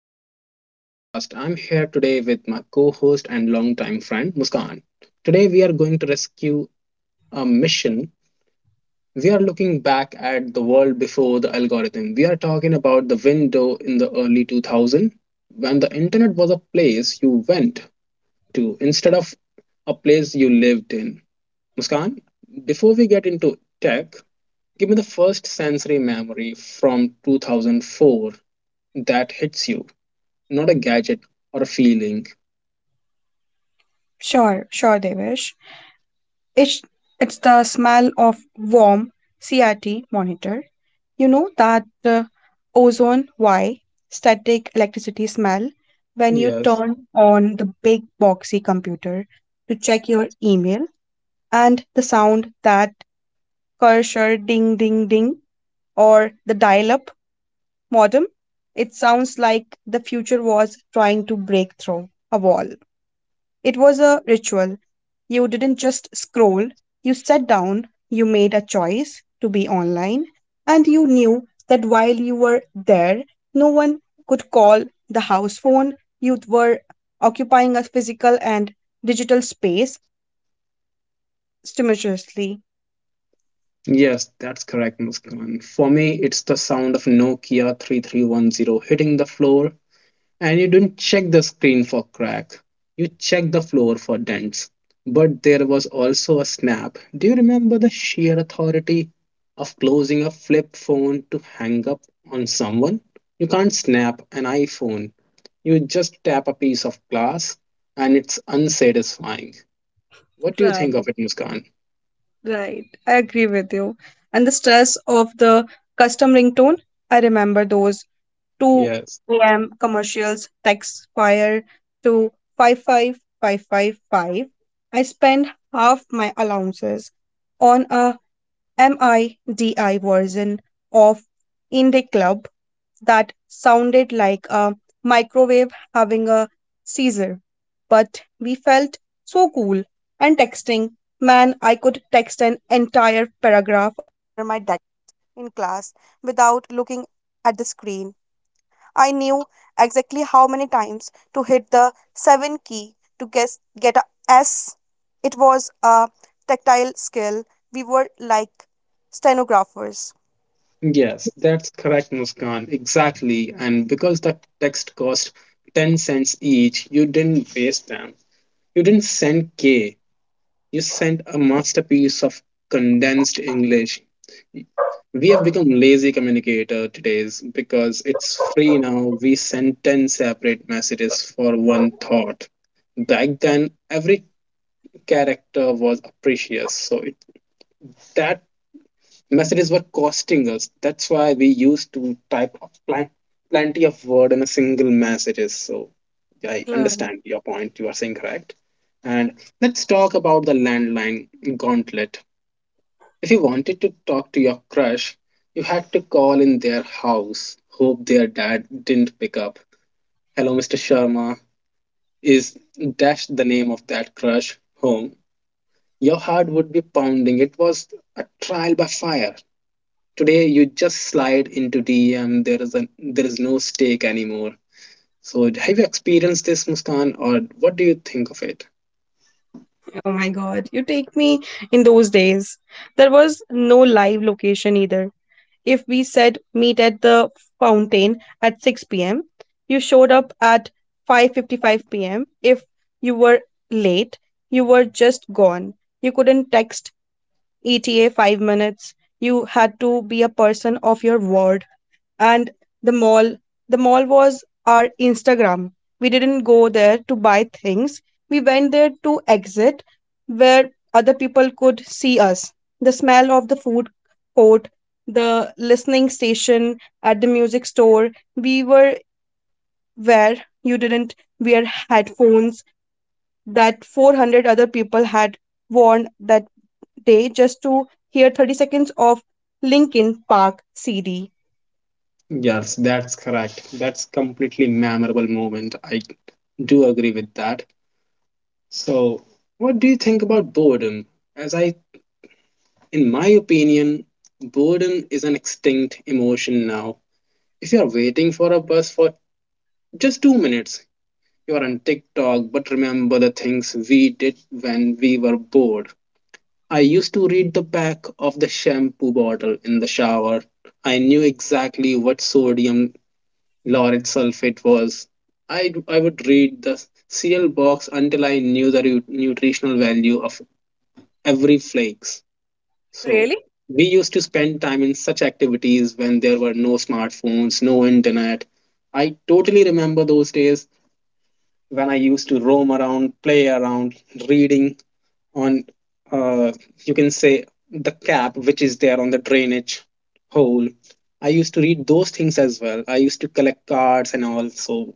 the host of this podcast. I'm here today with my co host and longtime friend, Muskan. Today, we are going to rescue a mission. We are looking back at the world before the algorithm. We are talking about the window in the early 2000s when the internet was a place you went to instead of a place you lived in. Muskan, before we get into tech, give me the first sensory memory from 2004 that hits you, not a gadget or a feeling. Sure, Devesh. It's it's the smell of warm CRT monitor. You know that ozone Y static electricity smell when you Yes. turn on the big boxy computer to check your email and the sound that cursor ding ding ding or the dial up modem. It sounds like the future was trying to break through a wall. It was a ritual. You didn't just scroll, you sat down, you made a choice to be online, and you knew that while you were there, no one could call the house phone. You were occupying a physical and digital space simultaneously. Yes, that's correct, Muskan. For me, it's the sound of Nokia 3310 hitting the floor, and you didn't check the screen for crack. You checked the floor for dents. But there was also a snap. Do you remember the sheer authority of closing a flip phone to hang up on someone? You can't snap an iPhone. You just tap a piece of glass, and it's unsatisfying. What do you think of Right, it, Muskan? right, I agree with you. And the stress of the custom ringtone, I remember those Yes. 2 a.m. commercials, text fire to 55555. I spend half my allowances on a MIDI version of Indie Club that sounded like a microwave having a seizure. But we felt so cool and texting. Man, I could text an entire paragraph. Yes, that's correct, Muskan. Exactly. And because the text cost 10 cents each, you didn't waste them. You didn't send K. You sent a masterpiece of condensed English. We have become lazy communicator today's because it's free now. We send 10 separate messages for one thought. Back then, every character was precious. So that messages were costing us. That's why we used to type pl- plenty of word in a single messages. So I Right. understand your point. You are saying correct. And let's talk about the landline gauntlet. If you wanted to talk to your crush, you had to call in their house, hope their dad didn't pick up. Hello, Mr. Sharma. Is dash the name of that crush home? Your heart would be pounding. It was a trial by fire. Today you just slide into DM. There is no stake anymore. So have you experienced this, Muskan, or what do you think of it? Oh my God, you take me in those days. There was no live location either. If we said meet at the fountain at 6 p.m., you showed up at 5:55 p.m. If you were late, you were just gone. You couldn't text ETA 5 minutes. You had to be a person of your word. And the mall was our Instagram. We didn't go there to buy things, we went there to exit where other people could see us. The smell of the food court, the listening station at the music store, we were where you didn't wear headphones that 400 other people had worn that day just to hear 30 seconds of Linkin Park CD. Yes, that's correct. That's completely memorable moment. I do agree with that. So, what do you think about boredom? As I, in my opinion, boredom is an extinct emotion now. If you are waiting for a bus for just 2 minutes, you're on TikTok, but remember the things we did when we were bored. I used to read the back of the shampoo bottle in the shower. I knew exactly what sodium laureth sulfate was. I would read the cereal box until I knew the nutritional value of every flakes. So Really? we used to spend time in such activities when there were no smartphones, no internet. I totally remember those days when I used to roam around, play around, reading on, uh, you can say, the cap which is there on the drainage hole. I used to read those things as well. I used to collect cards and all. So,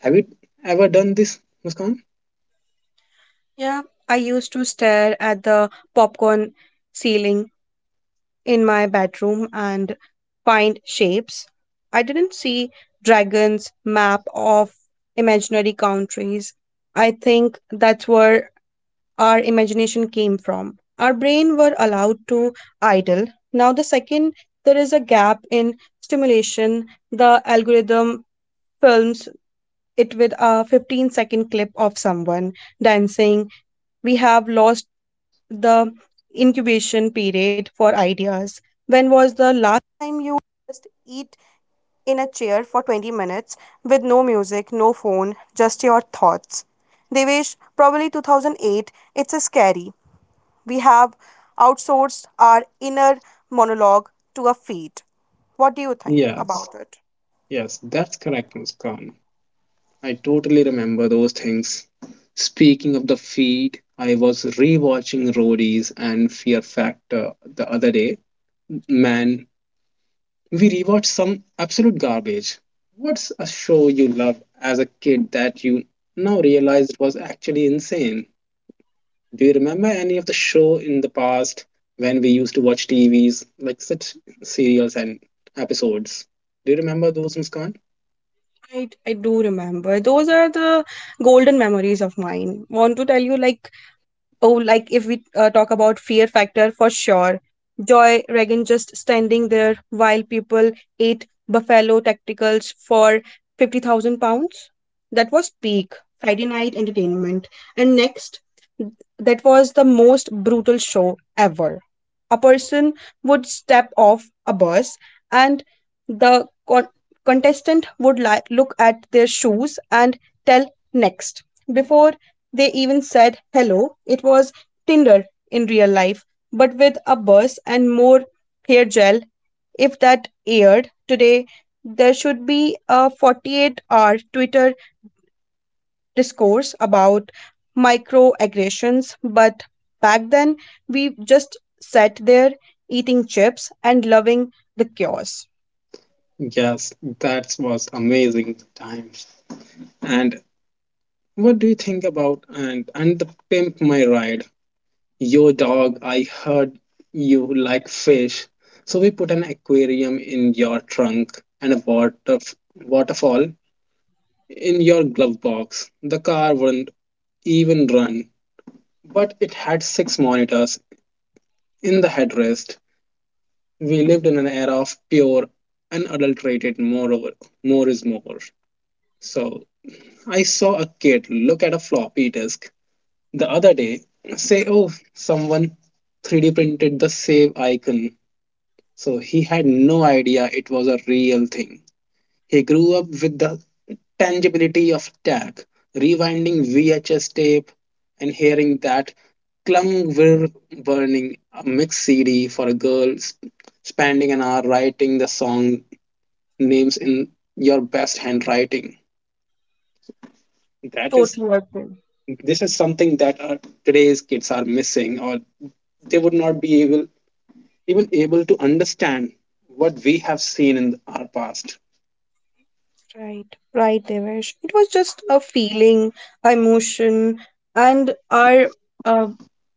have you ever done this, Muskan? Yeah, I used to stare at the popcorn ceiling in my bedroom and find shapes. I didn't see dragons, map of imaginary countries. I think that's where our imagination came from. Our brain were allowed to idle. Now the second there is a gap in stimulation, the algorithm films it with a 15-second clip of someone dancing. We have lost the incubation period for ideas? When was Yes, yes, that's correct, Muskan. I totally remember those things. Speaking of the feed, I was rewatching Roadies and Fear Factor the other day. Man, we rewatch some absolute garbage. What's a show you loved as a kid that you now realized was actually insane? Do you remember any of the show in the past when we used to watch TVs, like such serials and episodes? Do you remember those, Muskan? I do remember. Those are the golden memories of mine. Want to tell you, like, oh, like if we talk about fear factor for sure. Joy Regan just standing there while people ate buffalo tacticals for £50,000. That was peak Friday night entertainment. And next, that was the most brutal show ever. A person would step off a bus and the contestant would look at their shoes and tell next before they even said hello. It was Tinder in real life, but with a buzz and more hair gel. If that aired today, there should be a 48-hour Twitter discourse about microaggressions. But back then, we just sat there eating chips and loving the chaos. Yes, that was amazing times. And what do you think about and the Pimp My Ride? Yo, dog, I heard you like fish. So we put an aquarium in your trunk and a waterfall in your glove box. The car wouldn't even run, but it had six monitors in the headrest. We lived in an era of pure, unadulterated moreover, more is more. So I saw a kid look at a floppy disk the other day, say, oh, someone 3D printed the save icon. So he had no idea it was a real thing. He grew up with the tangibility of tech, rewinding VHS tape and hearing that clung were burning a mix CD for a girl, spending an hour writing the song names in your best handwriting. That is, Totally agree. this is something that today's kids are missing, or they would not be able even able to understand what we have seen in our past. Right, right, Devesh. It was just a feeling, emotion, and our uh,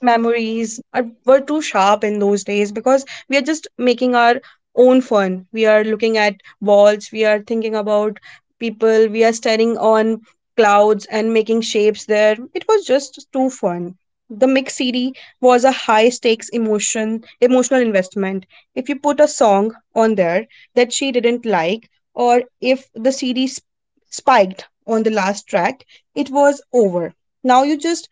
memories are, were too sharp in those days because we are just making our own fun. We are looking at walls, we are thinking about people, we are staring on clouds and making shapes there. It was just too fun. The mix CD was a high stakes emotion, emotional investment. If you put a song on there that she didn't like, or if the series spiked on the last track, it was over. Now you just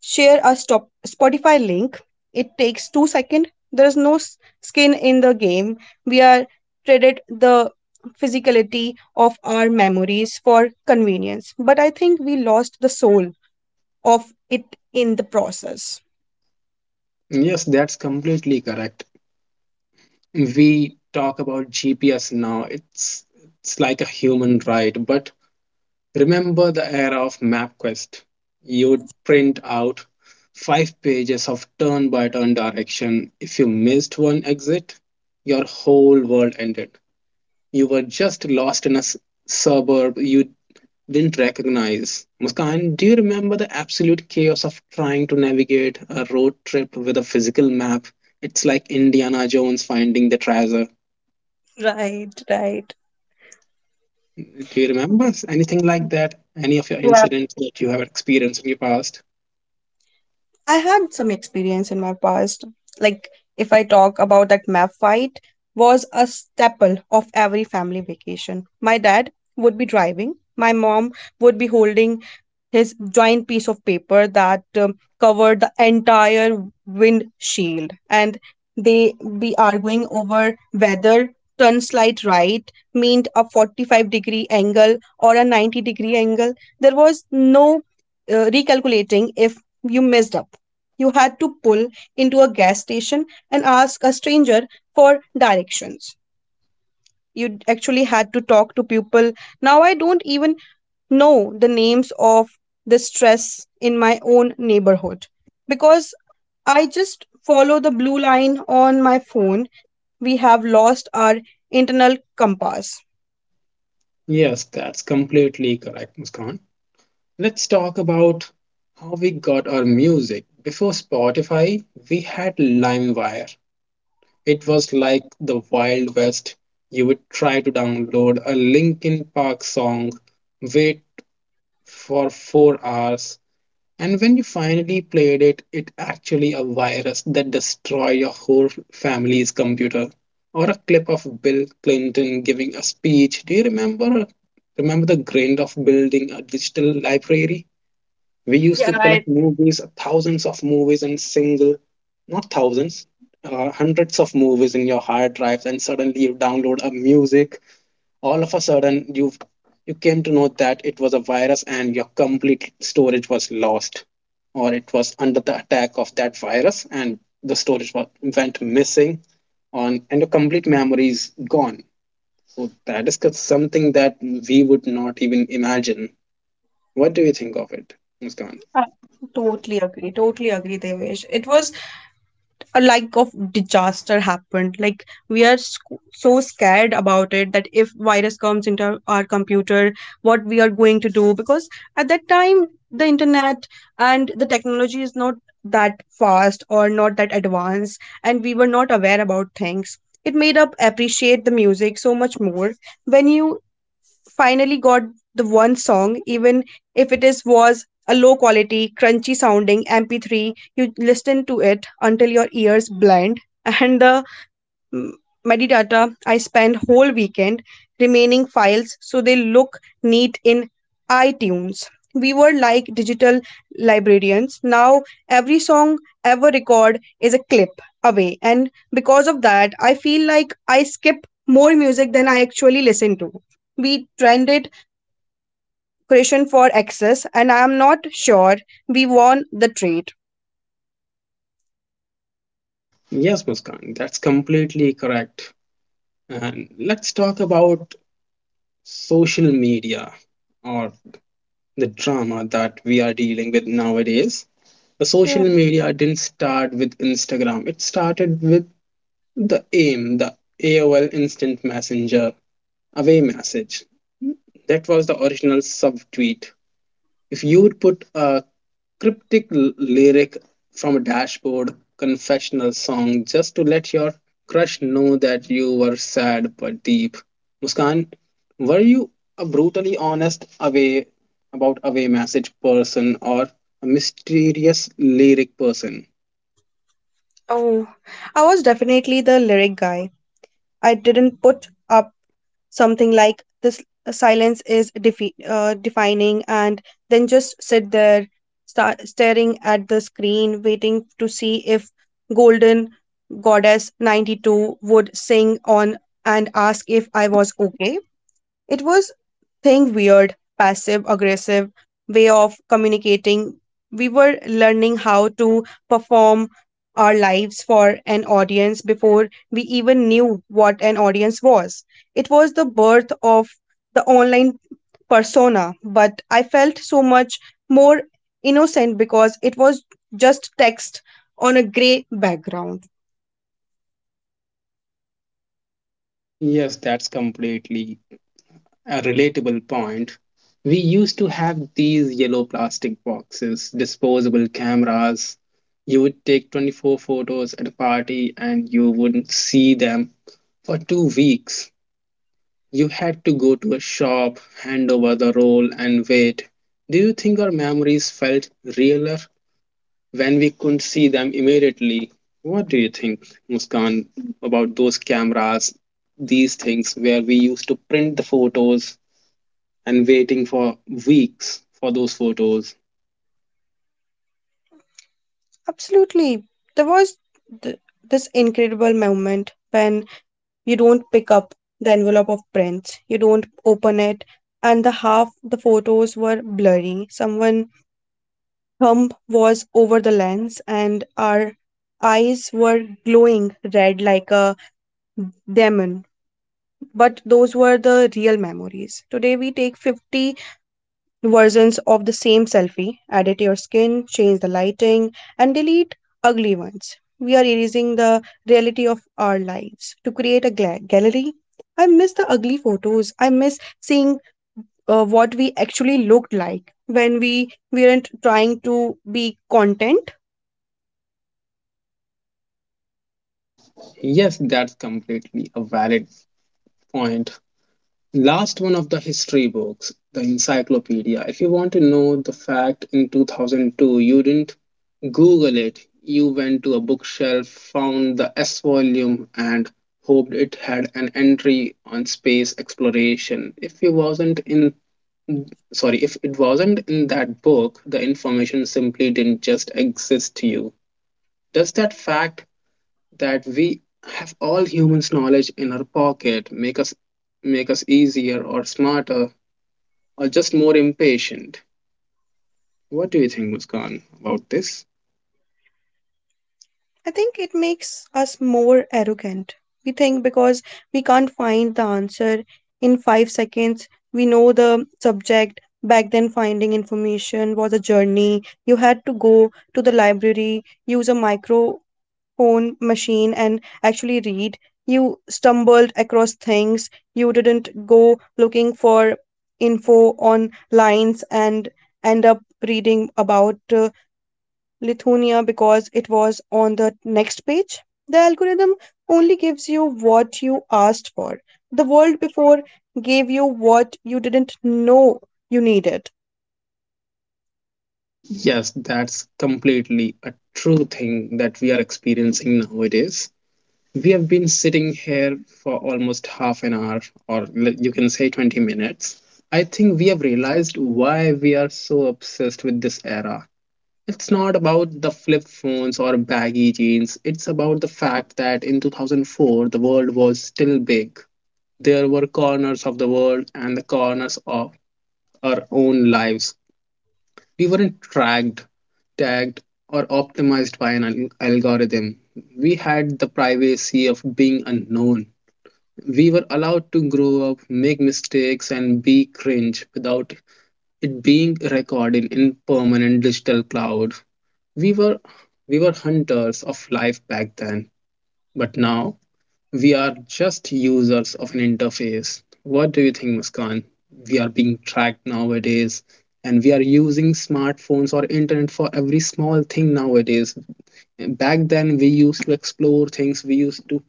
share a Spotify link. It takes 2 seconds. There is no skin in the game. We are traded the physicality of our memories for convenience. But I think we lost the soul of it in the process. Yes, that's completely correct. We talk about GPS now. It's like a human right, but remember the era of MapQuest. You would print out five pages of turn-by-turn direction. If you missed one exit, your whole world ended. You were just lost in a suburb you didn't recognize. Muskan, do you remember the absolute chaos of trying to navigate a road trip with a physical map? It's like Indiana Jones finding the treasure. Right, right. Do you remember anything like that? Any of your incidents that you have experienced in your past? I had some experience in my past. Like if I talk about that map fight was a staple of every family vacation. My dad would be driving, my mom would be holding his giant piece of paper that covered the entire windshield, and they be arguing over whether turn slight right meant a 45-degree angle or a 90-degree angle. There was no recalculating. If you messed up, you had to pull into a gas station and ask a stranger for directions. You actually had to talk to people. Now I don't even know the names of the stress in my own neighborhood because I just follow the blue line on my phone. We have lost our internal compass. Yes, that's completely correct, Muskan. Let's talk about how we got our music. Before Spotify, we had LimeWire. It was like the Wild West. You would try to download a Linkin Park song, wait for 4 hours, and when you finally played it, it actually a virus that destroyed your whole family's computer. Or a clip of Bill Clinton giving a speech. Do you remember? Remember the grind of building a digital library? We used to collect movies, thousands of movies in single, not thousands, hundreds of movies in your hard drives, and suddenly you download a music. All of a sudden, you came to know that it was a virus and your complete storage was lost, or it was under the attack of that virus, and the storage went missing, on and your complete memory is gone. So that is something that we would not even imagine. What do you think of it, Muskan? I totally agree. Totally agree, Devesh. It was a like of disaster happened, like we are so scared about it that if virus comes into our computer what we are going to do, because at that time the internet and the technology is not that fast or not that advanced and we were not aware about things. It made up appreciate the music so much more when you finally got the one song, even if it is was a low quality, crunchy sounding MP3. You listen to it until your ears blind, and the mm, metadata, I spend whole weekend remaining files so they look neat in iTunes. We were like digital librarians. Now every song ever record is a clip away, and because of that, I feel like I skip more music than I actually listen to. We trended question for access, and I am not sure we won the trade. Yes, Muskan, that's completely correct. And let's talk about social media or the drama that we are dealing with nowadays. The social Hmm. media didn't start with Instagram, it started with the AIM, the AOL Instant Messenger, away message. That was the original subtweet. If you would put a cryptic lyric from a dashboard confessional song just to let your crush know that you were sad but deep. Muskan, were you a brutally honest away message person or a mysterious lyric person? Oh, I was definitely the lyric guy. I didn't put up something like this silence is defining, and then just sit there staring at the screen waiting to see if golden goddess 92 would sing on and ask if I was okay. It was thing weird, passive aggressive way of communicating. We were learning how to perform our lives for an audience before we even knew what an audience was. It was the birth of the online persona, but I felt so much more innocent because it was just text on a gray background. Yes, that's completely a relatable point. We used to have these yellow plastic boxes, disposable cameras. You would take 24 photos at a party and you wouldn't see them for 2 weeks. You had to go to a shop, hand over the roll, and wait. Do you think our memories felt realer when we couldn't see them immediately? What do you think, Muskan, about those cameras, these things where we used to print the photos and waiting for weeks for those photos? Absolutely. There was th- this incredible moment when you don't pick up the envelope of prints, you don't open it, and the half the photos were blurry, someone thumb was over the lens, and our eyes were glowing red like a demon, but those were the real memories. Today we take 50 versions of the same selfie, edit your skin, change the lighting, and delete ugly ones. We are erasing the reality of our lives to create a gallery. I miss the ugly photos. I miss seeing what we actually looked like when we weren't trying to be content. Yes, that's completely a valid point. Last one of the history books, the encyclopedia. If you want to know the fact in 2002, you didn't Google it. You went to a bookshelf, found the S volume, and hoped it had an entry on space exploration. If it wasn't in, sorry, if it wasn't in that book, the information simply didn't just exist to you. Does that fact that we have all humans knowledge in our pocket make us easier or smarter or just more impatient? What do you think, Muskan, about this? I think it makes us more arrogant. We think because we can't find the answer in 5 seconds, we know the subject. Back then, finding information was a journey. You had to go to the library, use a microphone machine, and actually read. You stumbled across things. You didn't go looking for info on lines and end up reading about Lithuania because it was on the next page. The algorithm only gives you what you asked for. The world before gave you what you didn't know you needed. Yes, that's completely a true thing that we are experiencing nowadays. We have been sitting here for almost half an hour or you can say 20 minutes. I think we have realized why we are so obsessed with this era. It's not about the flip phones or baggy jeans. It's about the fact that in 2004, the world was still big. There were corners of the world and the corners of our own lives. We weren't tracked, tagged, or optimized by an algorithm. We had the privacy of being unknown. We were allowed to grow up, make mistakes, and be cringe without it being recorded in permanent digital cloud. We were we were hunters of life back then, but now we are just users of an interface. What do you think, Muskan? We are being tracked nowadays, and we are using smartphones or internet for every small thing nowadays. Back then, we used to explore things, we used to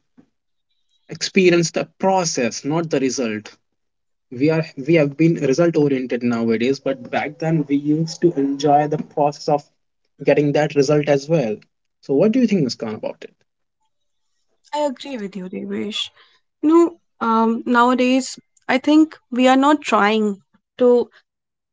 experience the process, not the result. We have been result oriented nowadays, but back then we used to enjoy the process of getting that result as well. So what do you think, Muskan, about it? I agree with you, Devesh. You know, nowadays, I think we are not trying to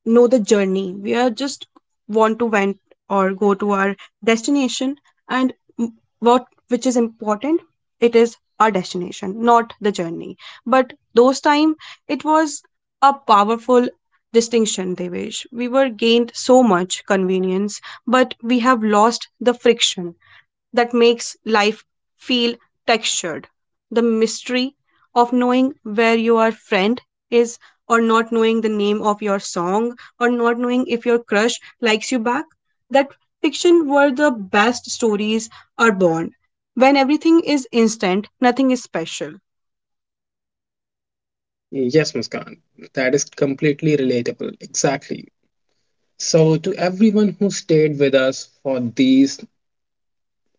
know the journey. We are just want to went or go to our destination, and m- what which is important, it is our destination, not the journey. But those time, it was a powerful distinction. They wish we were gained so much convenience, but we have lost the friction that makes life feel textured. The mystery of knowing where your friend is, or not knowing the name of your song, or not knowing if your crush likes you back. That fiction where the best stories are born. When everything is instant, nothing is special. Yes, Muskan, that is completely relatable exactly. So to everyone who stayed with us for these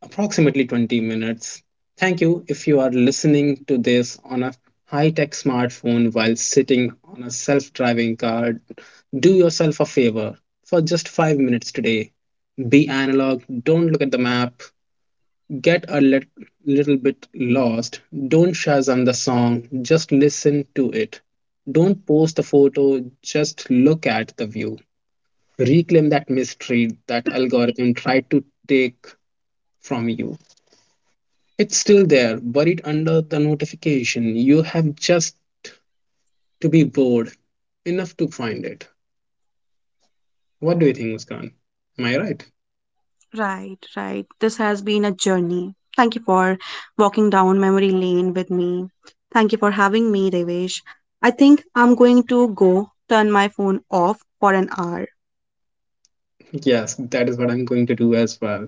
approximately 20 minutes. Thank you if you are listening to this on a high tech smartphone while sitting on a self driving car. Do yourself a favor for just 5 minutes today. Be analog, don't look at the map, get a little bit lost, don't Shazam the song, just listen to it. Don't post the photo, just look at the view. Reclaim that mystery that algorithm tried to take from you. It's still there, buried under the notification. You have just to be bored enough to find it. What do you think, Muskan? Am I right? Right, right. This has been a journey. Thank you for walking down memory lane with me. Thank you for having me, Devesh. I think I'm going to go turn my phone off for an hour. Yes, that is what I'm going to do as well.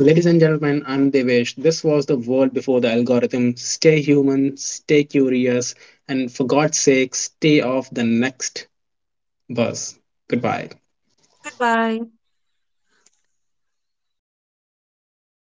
Ladies and gentlemen, I'm Devesh. This was the world before the algorithm. Stay human, stay curious, and for God's sake, stay off the next bus. Goodbye. Goodbye.